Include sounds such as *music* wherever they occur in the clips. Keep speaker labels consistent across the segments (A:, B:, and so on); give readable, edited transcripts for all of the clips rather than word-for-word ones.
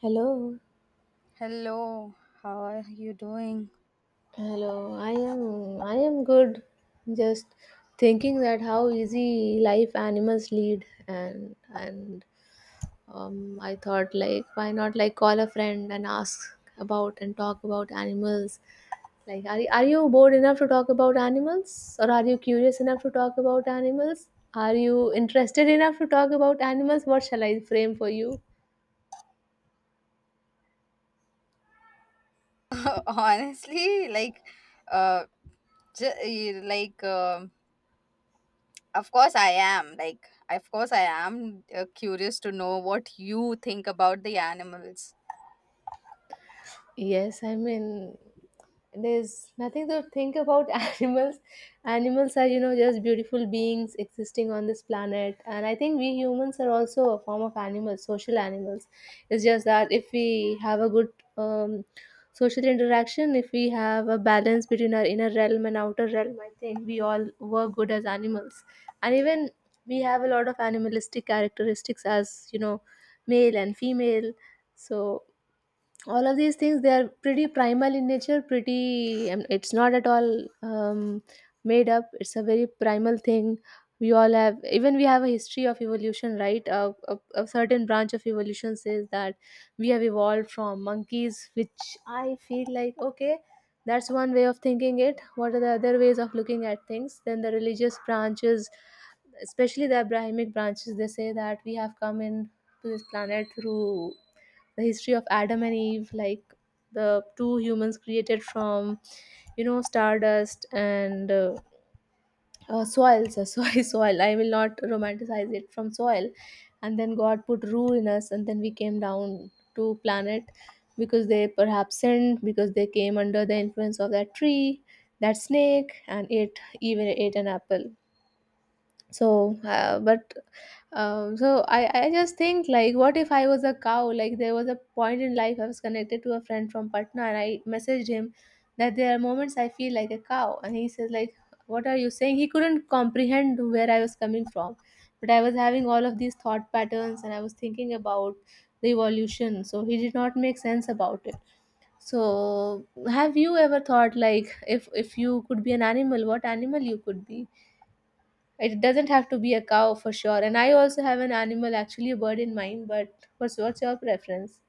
A: Hello,
B: Hello, how are you doing?
A: hello. I am good. Just thinking that how easy life animals lead. And and um, I thought, like, why not, like, call a friend and ask about and talk about animals. Like, are you bored enough to talk about animals, or are you curious enough to talk about animals? Are you interested enough to talk about animals? What shall I frame for you?
B: *laughs* Honestly, uh, like, of course I am. Of course I am curious to know what you think about the animals.
A: Yes, I mean, there's nothing to think about *laughs* animals. Animals are, you know, just beautiful beings existing on this planet. And I think we humans are also a form of animals, social animals. It's just that if we have a good social interaction, if we have a balance between our inner realm and outer realm, I think we all were good as animals. And even we have a lot of animalistic characteristics as, you know, male and female. So all of these things, they are pretty primal in nature. Pretty it's not at all made up. It's a very primal thing we all have. Even we have a history of evolution, right? A certain branch of evolution says that we have evolved from monkeys, which I feel like, okay, that's one way of thinking it. What are the other ways of looking at things? Then the religious branches, especially the Abrahamic branches, they say that we have come in to this planet through the history of Adam and Eve, like the two humans created from, you know, stardust and soil. So soil, *laughs* soil, I will not romanticize it, from soil. And then God put rule in us, and then we came down to planet because they perhaps sinned, because they came under the influence of that tree, that snake, and ate, even ate an apple. So but so I just think, like, what if I was a cow? Like, there was a point in life I was connected to a friend from Patna, and I messaged him that there are moments I feel like a cow, and he says, like, what are you saying. He couldn't comprehend where I was coming from, but I was having all of these thought patterns and I was thinking about the evolution, so he did not make sense about it. So have you ever thought, like, if you could be an animal, what animal you could be? It doesn't have to be a cow, for sure. And I also have an animal, actually a bird, in mind. But what's your preference?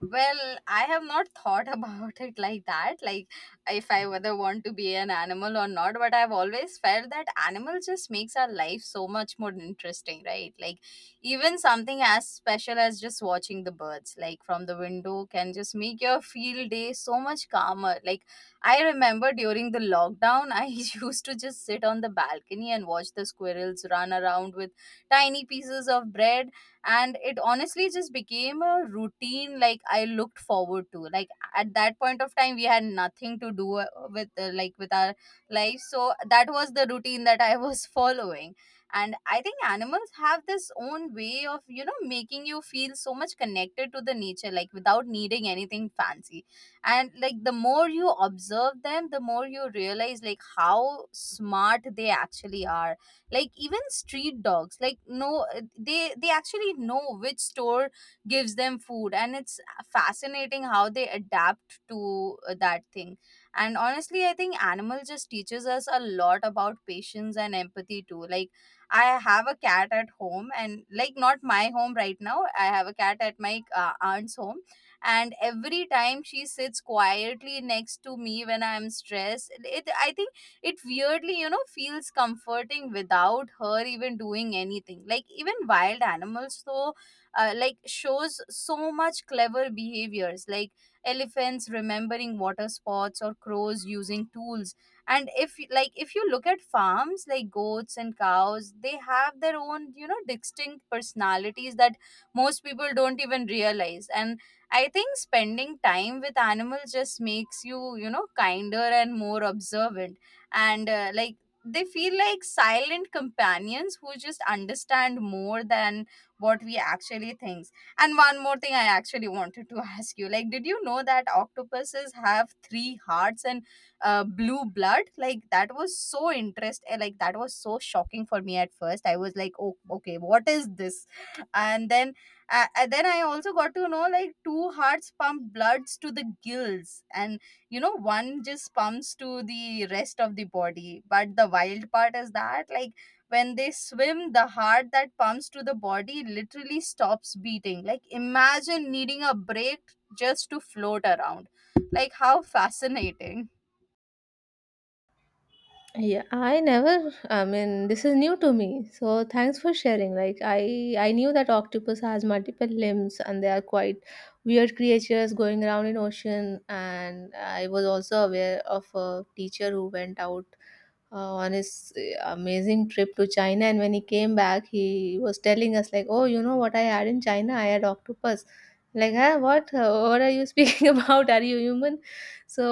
B: Well, I have not thought *laughs* about it like that, like if I whether want to be an animal or not, but I've always felt that animals just makes our life so much more interesting, right? Like even something as special as just watching the birds, like from the window can just make your field day so much calmer. Like I remember during the lockdown, I *laughs* used to just sit on the balcony and watch the squirrels run around with tiny pieces of bread. And it honestly just became a routine, like I looked forward to, like at that point of time we had nothing to do with like with our life, so that was the routine that I was *laughs* following. And I think animals have this own way of, you know, making you feel so much connected to the nature, like without needing anything fancy. And like the more you observe them, the more you realize like how smart they actually are. Like even street dogs, like no they actually know which store gives them food, and it's fascinating how they adapt to that thing. And honestly I think animal just teaches us a lot about patience and empathy too. Like I have a cat at home, and like not my home right now, I have a cat at my aunt's home. And every time she sits quietly next to me when I'm stressed, it, I think it weirdly, you know, feels comforting without her even doing anything. Like even wild animals though, like shows so much clever behaviors, like elephants remembering water spots or crows using tools. And if you- like if you look at farms, like goats and cows, they have their own, you know, distinct personalities that most people don't even realize. And I think spending time with animals just makes you, you know, kinder and more observant. And they feel like silent companions who just understand more than what we actually think. And one more thing I actually wanted to *laughs* ask you, like did you know that octopuses have three hearts and blue blood? Like that was so interesting. Like that was so shocking for me. At first I was like, oh, okay, what is this? And then uh, and then I also got to know like two hearts pump bloods to the gills, and you know, one just pumps to the rest of the body. But the wild part is that like when they swim, the heart that pumps to the body literally stops beating. Like imagine needing a break just to float around, like how fascinating.
A: Yeah, I never, I mean, this is new to me. So thanks for sharing. Like, I knew that octopus has multiple limbs and they are quite weird creatures going around in ocean. And I was also aware of a teacher who went out on his amazing trip to China. And when he came back, he was telling us, like, "Oh, you know what I had in China? I had octopus." Like, huh? What? *laughs* What are you speaking *laughs* about? Are you human? So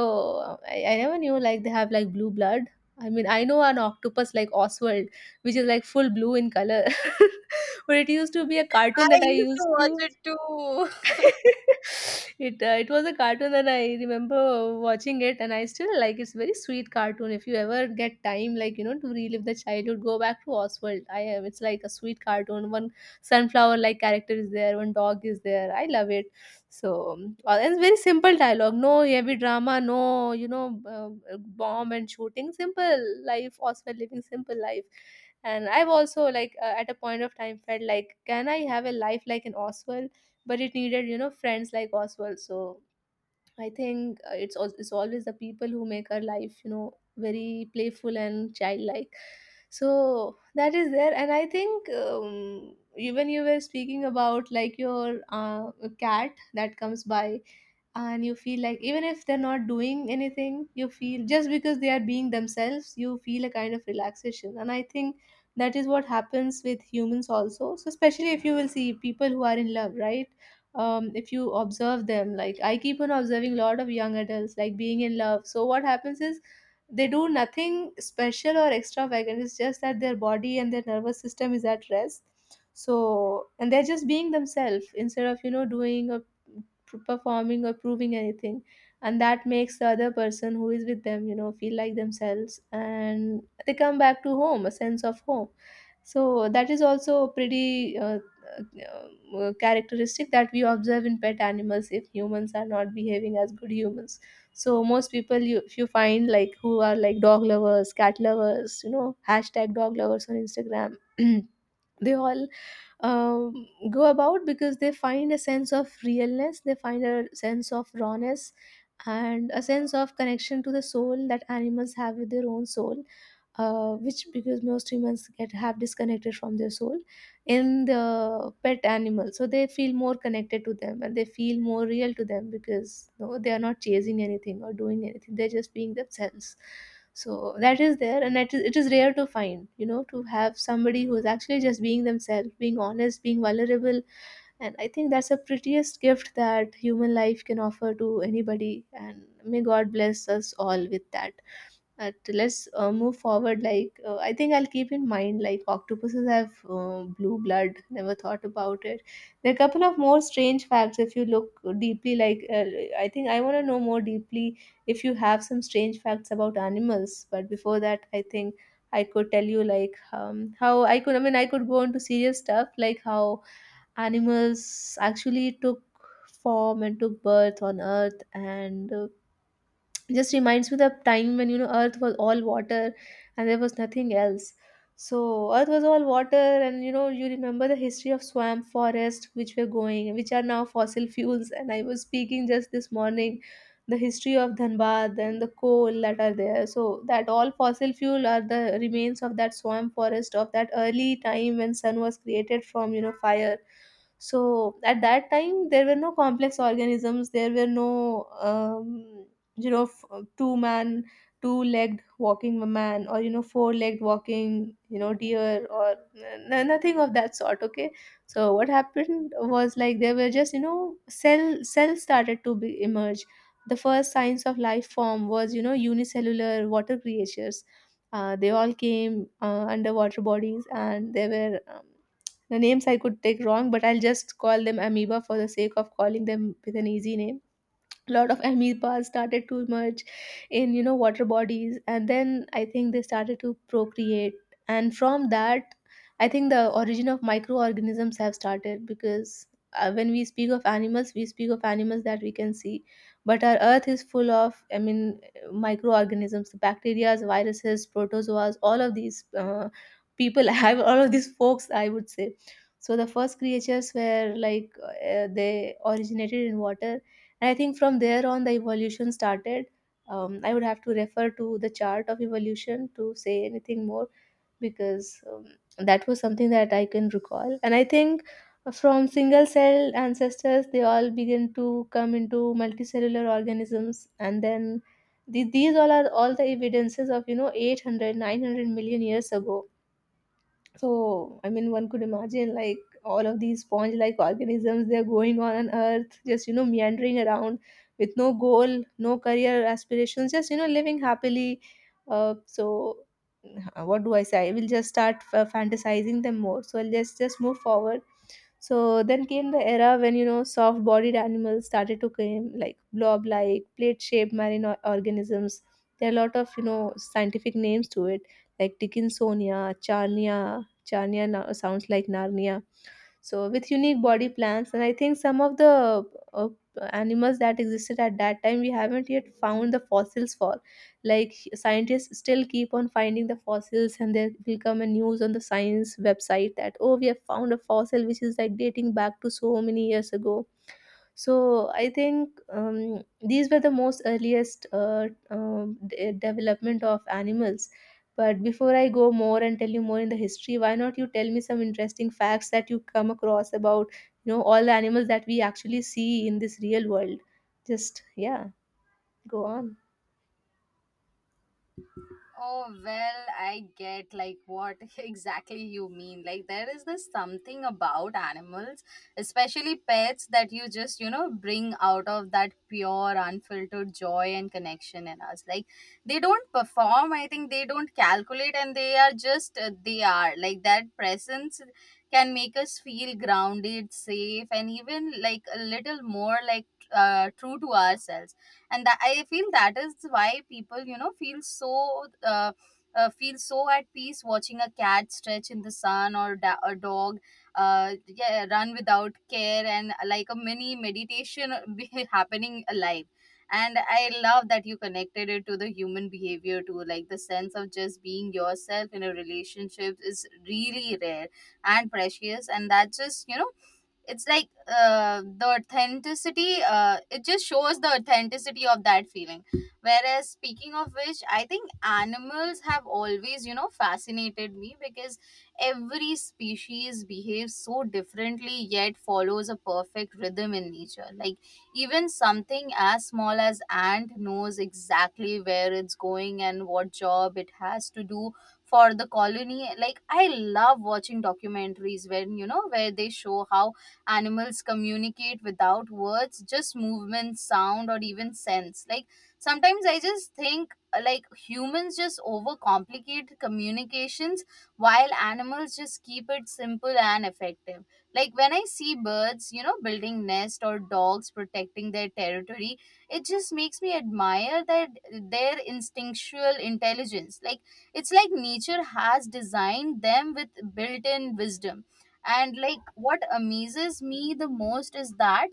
A: I never knew, like, they have like blue blood. I mean, I know an octopus like Oswald, which is like full blue in color, *laughs* but it used to be a cartoon
B: I
A: that I
B: used to
A: used
B: watch
A: to
B: it
A: *laughs*
B: too. *laughs*
A: it it was a cartoon, and I remember watching it, and I still like It's very sweet cartoon. If you ever get time, like, you know, to relive the childhood, go back to Oswald. I am, it's like a sweet cartoon. One sunflower like character is there, one dog is there, I love it. So and it's very simple dialogue, no heavy drama, no, you know, uh, bomb and shooting. Simple life, Oswald living simple life. And I've also, like, at a point of time felt like, can I have a life like an Oswald? But it needed, you know, friends like Oswald. So I think it's always the people who make our life, you know, very playful and childlike. So that is there. And I think even you were speaking about, like, your cat that comes by, and you feel like, even if they're not doing anything, you feel, just because they are being themselves, you feel a kind of relaxation. And I think that is what happens with humans also. So especially if you will see people who are in love, right? If you observe them, like, I keep on observing a lot of young adults, like, being in love. So what happens is, they do nothing special or extravagant. It's just that their body and their nervous system is at rest. So, and they're just being themselves instead of, you know, doing a performing or proving anything. And that makes the other person who is with them, you know, feel like themselves, and they come back to home, a sense of home. So that is also a pretty uh, characteristic that we observe in pet animals if humans are not behaving as good humans. So most people, you, if you find, like, who are like dog lovers, cat lovers, you know, #DogLovers on Instagram, *clears throat* they all go about because they find a sense of realness, they find a sense of rawness, and a sense of connection to the soul that animals have with their own soul. Which because most humans get have disconnected from their soul, in the pet animal so they feel more connected to them, and they feel more real to them because no, they are not chasing anything or doing anything. They're just being themselves. So that is there. And it is rare to find, you know, to have somebody who is actually just being themselves, being honest, being vulnerable. And I think that's the prettiest gift that human life can offer to anybody, and may God bless us all with that. But let's move forward. Like I think I'll keep in mind, like, octopuses have blue blood, never thought about it. There are a couple of more strange facts if you look deeply, like I think I want to know more deeply if you have some strange facts about animals. But before that, I think I could tell you, like, how I could, I mean, I could go into serious stuff, like how animals actually took form and took birth on Earth. And just reminds me the time when, you know, Earth was all water and there was nothing else. So Earth was all water. And, you know, you remember the history of swamp forest, which were going, which are now fossil fuels, and I was speaking just this morning the history of Dhanbad and the coal that are there. So that all fossil fuel are the remains of that swamp forest of that early time when sun was created from, you know, fire. So at that time there were no complex organisms. There were no um, you know, two man, two legged walking man, or, you know, four legged walking, you know, deer, or nothing of that sort, okay. So what happened was, like, there were just, you know, cells started to be emerge. The first signs of life form was, you know, unicellular water creatures. They all came underwater bodies, and they were the names I could take wrong, but I'll just call them amoeba for the sake of calling them with an easy name. A lot of amoebas started to emerge in, you know, water bodies. And then I think they started to procreate. And from that, I think the origin of microorganisms have started because when we speak of animals, we speak of animals that we can see. But our Earth is full of, I mean, microorganisms, bacteria, viruses, protozoas, all of these people *laughs* have, all of these folks, I would say. So the first creatures were like, they originated in water. And I think from there on, the evolution started. I would have to refer to the chart of evolution to say anything more because that was something that I can recall. And I think from single cell ancestors, they all begin to come into multicellular organisms. And then these all are all the evidences of, you know, 800, 900 million years ago. So, I mean, one could imagine, like, all of these sponge like organisms, they're going on Earth, just, you know, meandering around with no goal, no career aspirations, just, you know, living happily. So, what do I say? I will just start fantasizing them more. So, let's just move forward. So, then came the era when, you know, soft bodied animals started to come, like blob like, plate shaped marine organisms. There are a lot of, you know, scientific names to it, like Dickinsonia, Charnia, Chania now sounds like Narnia. So with unique body plans, and I think some of the uh, animals that existed at that time we haven't yet found the fossils for. Like scientists still keep on finding the fossils, and there will come a news on the science website that oh, we have found a fossil which is like dating back to so many years ago. So I think these were the most earliest development of animals. But before I go more and tell you more in the history, why not you tell me some interesting facts that you come across about, you know, all the animals that we actually see in this real world? Just yeah, go on.
B: Oh, well, I get like what *laughs* exactly you mean. Like, there is this something about animals, especially pets, that you just, you know, bring out of that pure, unfiltered joy and connection in us. Like, they don't perform, I think they don't calculate, and they are just, they are. Like, that presence can make us feel grounded, safe, and even like a little more like true to ourselves. And that, I feel that is why people, you know, feel so at peace watching a cat stretch in the sun or da- a dog yeah, run without care and like a mini meditation *laughs* happening alive. And I love that you connected it to the human behavior too. Like the sense of just being yourself in a relationship is really rare and precious, and that just, you know, it's like the authenticity, it just shows the authenticity of that feeling. Whereas speaking of which, I think animals have always, you know, fascinated me because every species behaves so differently yet follows a perfect rhythm in nature. Like even something as small as ant knows exactly where it's going and what job it has to do for the colony. Like I love watching documentaries when, you know, where they show how animals communicate without words, just movement, sound, or even sense. Like sometimes I just think, like humans just overcomplicate communications while animals just keep it simple and effective. Like when I see birds, you know, building nest or dogs protecting their territory, it just makes me admire that their instinctual intelligence. Like it's like nature has designed them with built-in wisdom. And like what amazes me the most is that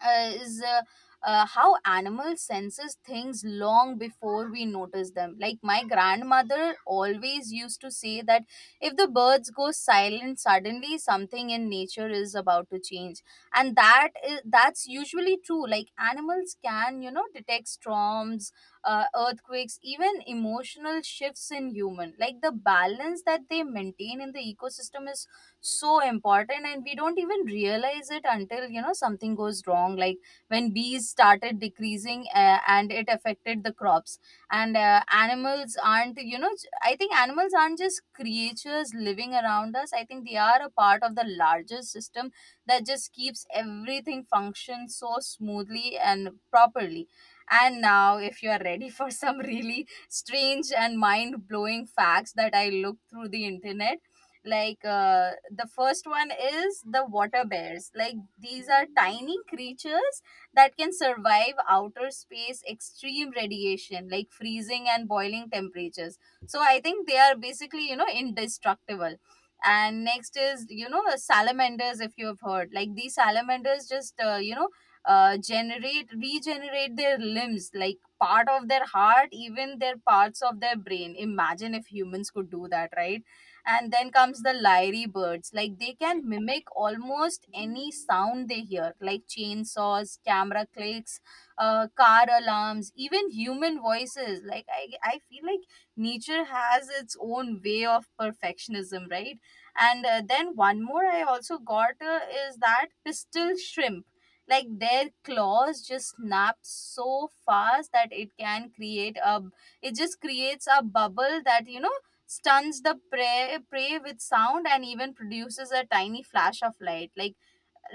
B: is how animal senses things long before we notice them. Like my grandmother always used to say that if the birds go silent suddenly, something in nature is about to change. And that is, that's usually true. Like animals can, you know, detect storms, earthquakes, even emotional shifts in human. Like the balance that they maintain in the ecosystem is so important, and we don't even realize it until, you know, something goes wrong. Like when bees started decreasing and it affected the crops. And animals aren't, you know, j- I think animals aren't just creatures living around us, I think they are a part of the larger system that just keeps everything function so smoothly and properly. And now if you are ready *laughs* for some really strange and mind blowing facts that I looked through the internet. Like the first one is the water bears. Like these are tiny creatures that can survive outer space, extreme radiation, like freezing and boiling temperatures. So I think they are basically, you know, indestructible. And next is, you know, salamanders, if you have heard. Like these salamanders just you know generate regenerate their limbs, like part of their heart, even their parts of their brain. Imagine if humans could do that, right? And then comes the lyre birds. Like they can mimic almost any sound they hear, like chainsaws, camera clicks, car alarms, even human voices. Like I feel like nature has its own way of perfectionism, right? And then one more I also got is that pistol shrimp. Like their claws just snap so fast that it can create a, it just creates a bubble that, you know, stuns the prey with sound and even produces a tiny flash of light,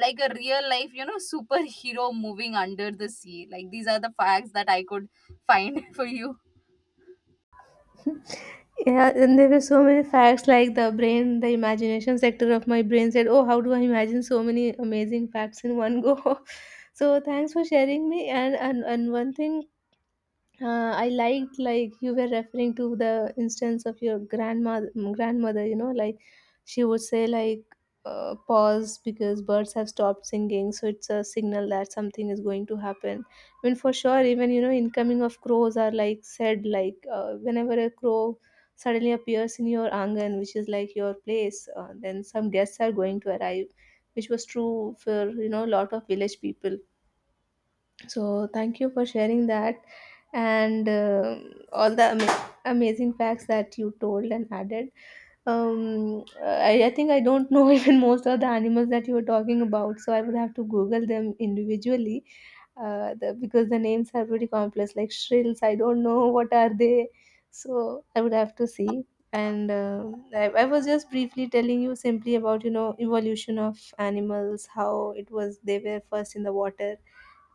B: like a real life, you know, superhero moving under the sea. Like these are the facts that I could find *laughs* for you.
A: *laughs* Yeah, and there were so many facts like the brain, the imagination sector of my brain said, oh, how do I imagine so many amazing facts in one go? *laughs* So thanks for sharing me. And one thing I liked, like you were referring to the instance of your grandma grandmother, you know, like she would say like, pause because birds have stopped singing, so it's a signal that something is going to happen. I mean, for sure, even, you know, incoming of crows are like said like, whenever a crow suddenly appears in your angan, which is like your place, then some guests are going to arrive, which was true for, you know, a lot of village people. So thank you for sharing that, and um, all the amazing facts that you told and added. I think I don't know *laughs* even most of the animals that you were talking about, so I would have to Google them individually, because the names are pretty complex like shrills. I don't know *laughs* what are they, so I would have to see. And I was just briefly telling you simply about, you know, evolution of animals, how it was, they were first in the water,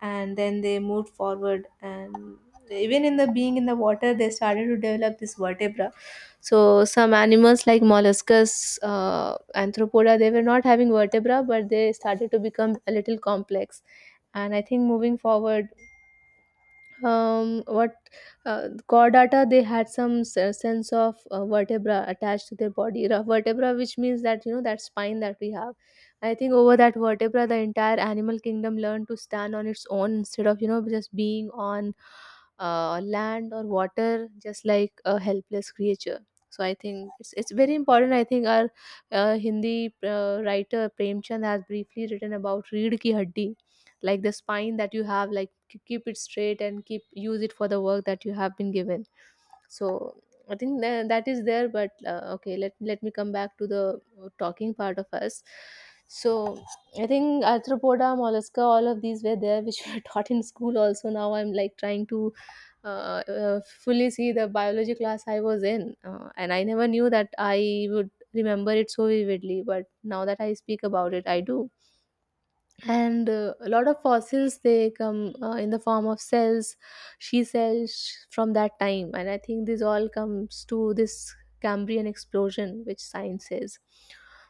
A: and then they moved forward, and even in the being in the water, they started to develop this vertebra. So some animals like molluscus, anthropoda, they were not having vertebra, but they started to become a little complex. And I think moving forward, what chordata, they had some sense of vertebra attached to their body, vertebra, which means that, you know, that spine that we have. I think over that vertebra the entire animal kingdom learned to stand on its own, instead of, you know, just being on land or water just like a helpless creature. So I think it's very important. I think our hindi writer premchand has briefly written about reed ki haddi, like the spine that you have, like keep it straight and keep use it for the work that you have been given. So I think that is there, but okay, let me come back to the talking part of us. So I think arthropoda mollusca, all of these were there, which were *laughs* taught in school also. Now I'm like trying to uh, uh, fully see the biology class I was in, and I never knew that I would remember it so vividly, but now that I speak about it I do. And a lot of fossils they come in the form of cells, she cells from that time, and I think this all comes to this cambrian explosion which science says.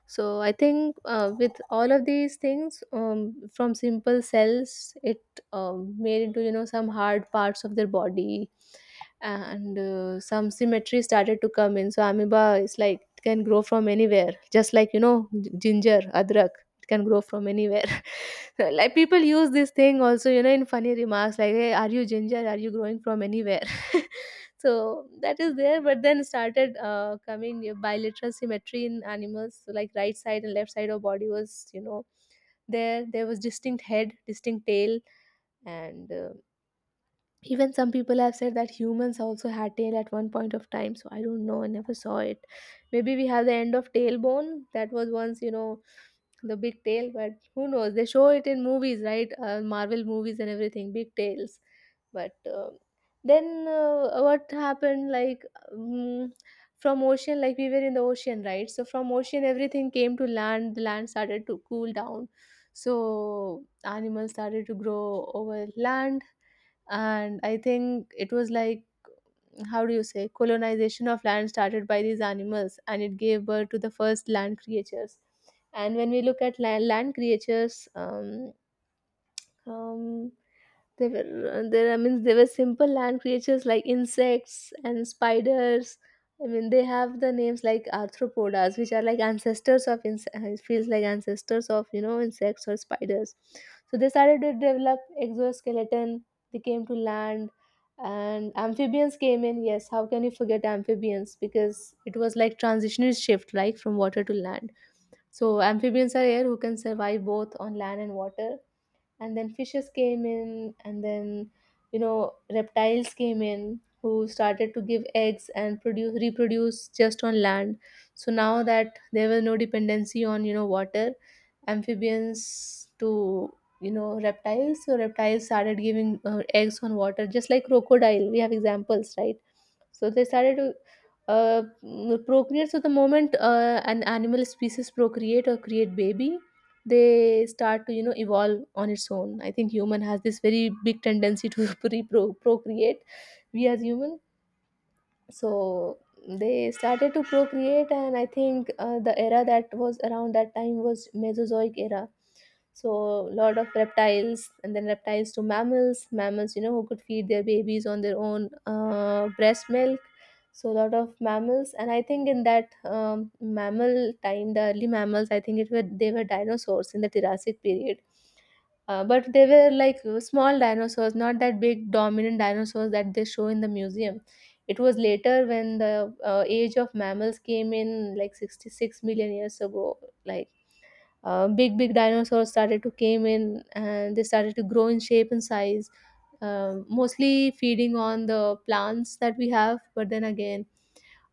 A: So I think with all of these things, from simple cells it made into, you know, some hard parts of their body. And some symmetry started to come in. So amoeba is like, it can grow from anywhere, just like, you know, ginger adrak, it can grow from anywhere. *laughs* *laughs* So, like people use this thing also, you know, in funny remarks like, hey, are you ginger, are you growing from anywhere? *laughs* So that is there, but then started coming bilateral symmetry in animals, so like right side and left side of body was, you know, there was distinct head, distinct tail. And even some people have said that humans also had tail at one point of time, so I don't know, I never saw it. Maybe we have the end of tailbone that was once, you know, the big tail, but who knows? They show it in movies, right? Marvel movies and everything, big tails. But um, then what happened? Like um, from ocean, like we were in the ocean, right? So from ocean, everything came to land. The land started to cool down. So animals started to grow over land, and I think it was like, how do you say, colonization of land started by these animals, and it gave birth to the first land creatures. And when we look at land, land creatures, um, they were there. I mean, they were simple land creatures like insects and spiders. I mean, they have the names like arthropodas, which are like ancestors of insects. Feels like ancestors of, you know, insects or spiders. So they started to develop exoskeleton. They came to land, and amphibians came in. Yes, how can you forget amphibians? Because it was like transitional shift, like from water to land. So amphibians are air who can survive both on land and water. And then fishes came in, and then, you know, reptiles came in who started to give eggs and produce reproduce just on land. So now that there was no dependency on, you know, water amphibians to, you know, reptiles. So reptiles started giving eggs on water, just like crocodile we have examples, right? So they started to uh, procreate. So the moment an animal species procreate or create baby, they start to, you know, evolve on its own. I think human has this very big tendency to *laughs* procreate, we as human. So they started to procreate, and I think the era that was around that time was mesozoic era. So a lot of reptiles, and then reptiles to mammals, mammals, you know, who could feed their babies on their own, breast milk. So a lot of mammals, and I think in that mammal time, the early mammals, I think it were they were dinosaurs in the jurassic period, but they were like small dinosaurs, not that big dominant dinosaurs that they show in the museum. It was later when the age of mammals came in, like 66 million years ago. Like big, big dinosaurs started to came in, and they started to grow in shape and size. Um, mostly feeding on the plants that we have, but then again,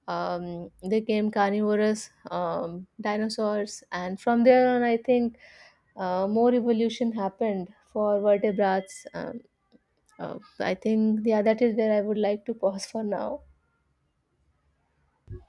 A: um, they came carnivorous um, dinosaurs, and from there on, I think more evolution happened for vertebrates. Uh, I think, yeah, that is where I would like to pause for now.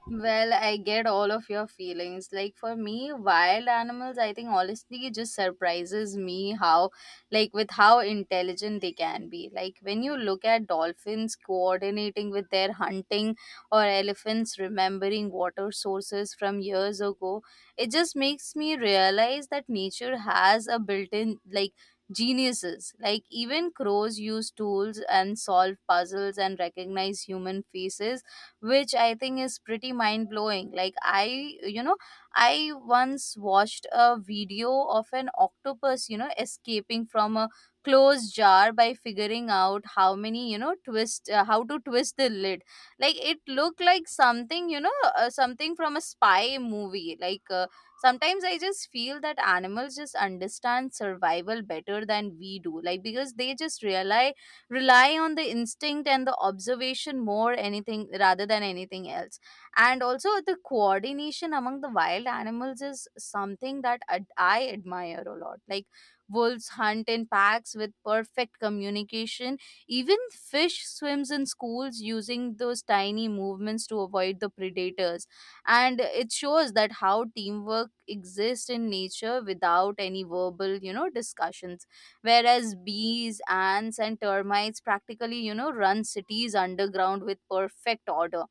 B: Well, I get all of your feelings. Like for me, wild animals, I think honestly it just surprises me how, like with how intelligent they can be. Like when you look at dolphins coordinating with their hunting or elephants remembering water sources from years ago, it just makes me realize that nature has a built-in, like, geniuses. Like even crows use tools and solve puzzles and recognize human faces, which I think is pretty mind blowing. Like, I, you know, I once watched a video of an octopus, you know, escaping from a closed jar by figuring out how many, you know, twist, how to twist the lid. Like, it looked like something, you know, something from a spy movie. Like, sometimes I just feel that animals just understand survival better than we do. Like, because they just rely on the instinct and the observation more anything rather than anything else. And also the coordination among the wild animals is something that ad- I admire a lot. Like wolves hunt in packs with perfect communication, even fish swims in schools using those tiny movements to avoid the predators. And it shows that how teamwork exists in nature without any verbal, you know, discussions, whereas bees, ants and termites practically, you know, run cities underground with perfect order.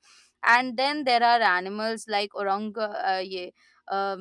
B: And then there are animals like orang yeah,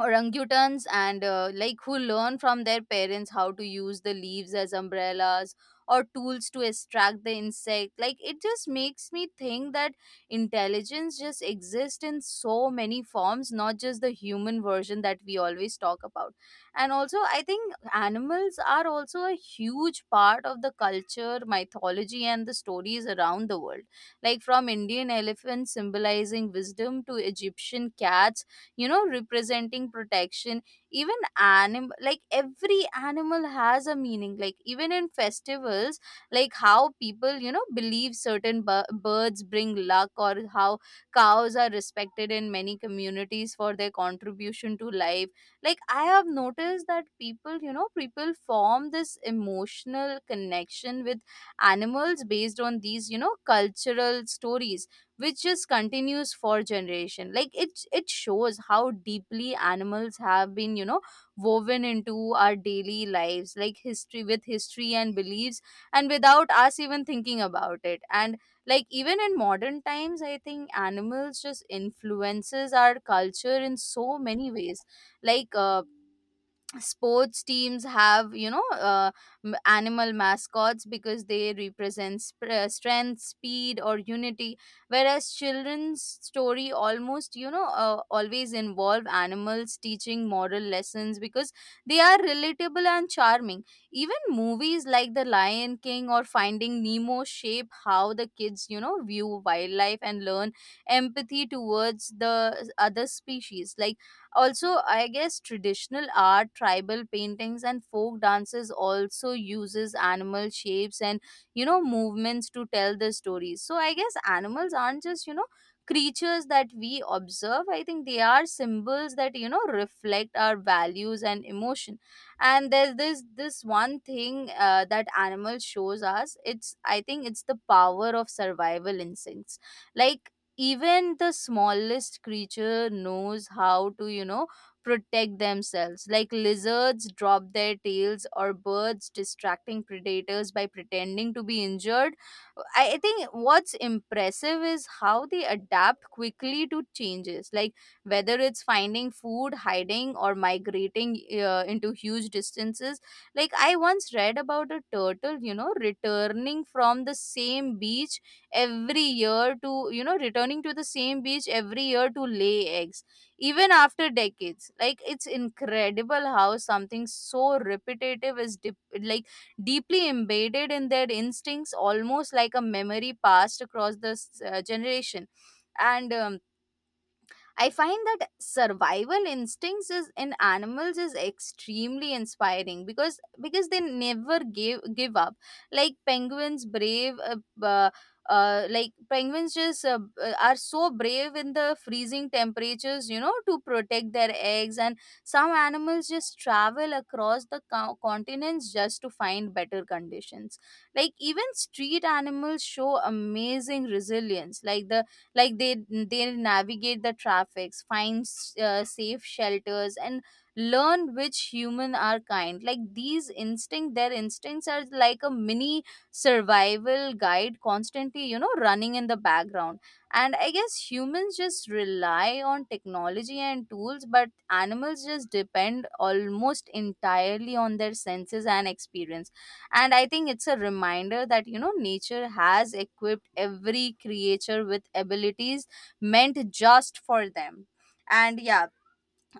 B: orangutans and like who learn from their parents how to use the leaves as umbrellas or tools to extract the insect. Like it just makes me think that intelligence just exists in so many forms, not just the human version that we always talk about. And also I think animals are also a huge part of the culture, mythology and the stories around the world. Like from Indian elephants symbolizing wisdom to Egyptian cats, you know, representing protection. Even animal, like every animal has a meaning, like even in festivals, like how people, you know, believe certain bir- birds bring luck, or how cows are respected in many communities for their contribution to life. Like I have noticed that people, you know, people form this emotional connection with animals based on these, you know, cultural stories, which just continues for generation. Like it shows how deeply animals have been, you know, woven into our daily lives, like history with history and beliefs And without us even thinking about it. And like even in modern times, I think animals just influences our culture in so many ways. Like sports teams have animal mascots because they represent strength, speed or unity, whereas children's story almost always involve animals teaching moral lessons because they are relatable and charming. Even movies like The Lion King or Finding Nemo shape how the kids, you know, view wildlife and learn empathy towards the other species. Like also, I guess traditional art, tribal paintings and folk dances also uses animal shapes and, you know, movements to tell the stories. So I guess animals aren't just, you know, creatures that we observe. I think they are symbols that, you know, reflect our values and emotion. And there's this one thing, that animal shows us. It's, I think it's the power of survival instincts. Like even the smallest creature knows how to, you know, protect themselves, like lizards drop their tails or birds distracting predators by pretending to be injured. I think what's impressive is how they adapt quickly to changes, like whether it's finding food, hiding or migrating into huge distances. Like I once read about a turtle, you know returning from the same beach every year to you know, returning to the same beach every year to lay eggs, even after decades. Like it's incredible how something so repetitive is dip like deeply embedded in their instincts, almost like a memory passed across the generation. And I find that survival instincts is in animals is extremely inspiring, because they never give up. Like penguins, brave, uh, like penguins just are so brave in the freezing temperatures, you know, to protect their eggs. And some animals just travel across the continents just to find better conditions. Like even street animals show amazing resilience. Like like they they navigate the traffics, find safe shelters and learn which human are kind. Like these instinct their instincts are like a mini survival guide constantly, you know, running in the background. And I guess humans just rely on technology and tools, but animals just depend almost entirely on their senses and experience. And I think it's a reminder that, you know, nature has equipped every creature with abilities meant just for them. And yeah,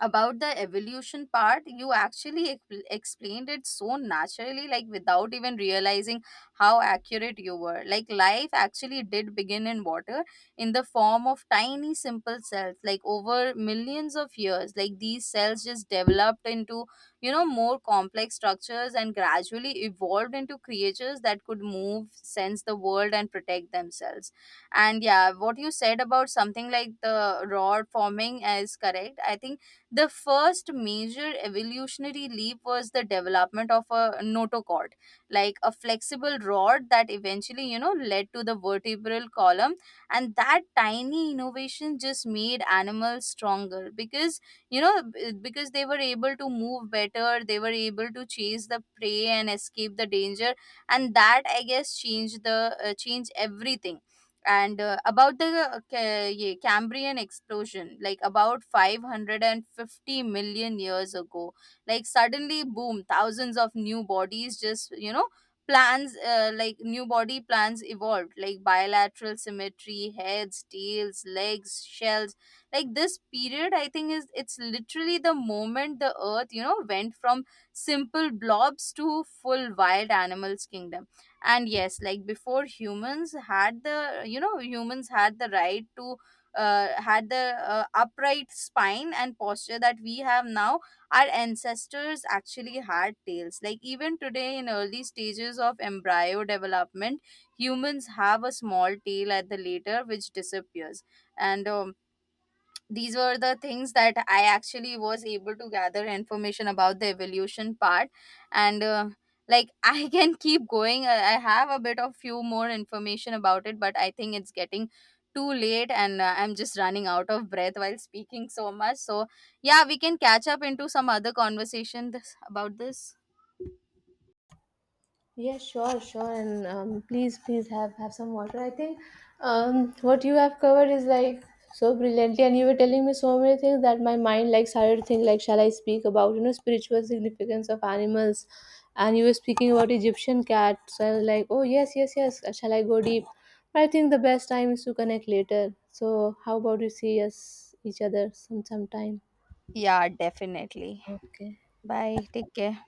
B: about the evolution part, you actually explained it so naturally, like without even realizing how accurate you were. Like life actually did begin in water in the form of tiny simple cells. Like over millions of years, like these cells just developed into, you know, more complex structures and gradually evolved into creatures that could move, sense the world and protect themselves. And yeah, what you said about something like the rod forming is correct. I think the first major evolutionary leap was the development of a notochord, like a flexible rod that eventually, you know, led to the vertebral column. And that tiny innovation just made animals stronger because, you know, because they were able to move better, they were able to chase the prey and escape the danger. And that, I guess, changed the changed everything. And about the cambrian explosion, like about 550 million years ago, like suddenly, boom, thousands of new bodies just, you know, plans like new body plans evolved, like bilateral symmetry, heads, tails, legs, shells. Like this period, I think is, it's literally the moment the earth, you know, went from simple blobs to full wild animals kingdom. And yes, like before humans had the, you know, humans had the right to had the upright spine and posture that we have now, our ancestors actually had tails. Like even today in early stages of embryo development, humans have a small tail at the later which disappears. And these were the things that I actually was able to gather information about the evolution part. And *laughs* I can keep going. I have a bit of few more information about it, but I think it's getting too late, and I'm just running out of breath while speaking so much. So yeah, we can catch up into some other conversation this, about this.
A: Yes, sure, sure, and please have some water. I think what you have covered is like so brilliantly, and you were telling me so many things that my mind like started to think like, shall I speak about, you know, spiritual significance of animals? And you were speaking about Egyptian cats, so I was like, oh, yes, yes, yes. Shall I go deep? But I think the best time is to connect later. So how about you see us each other sometime?
B: Yeah, definitely.
A: Okay.
B: Bye. Take care.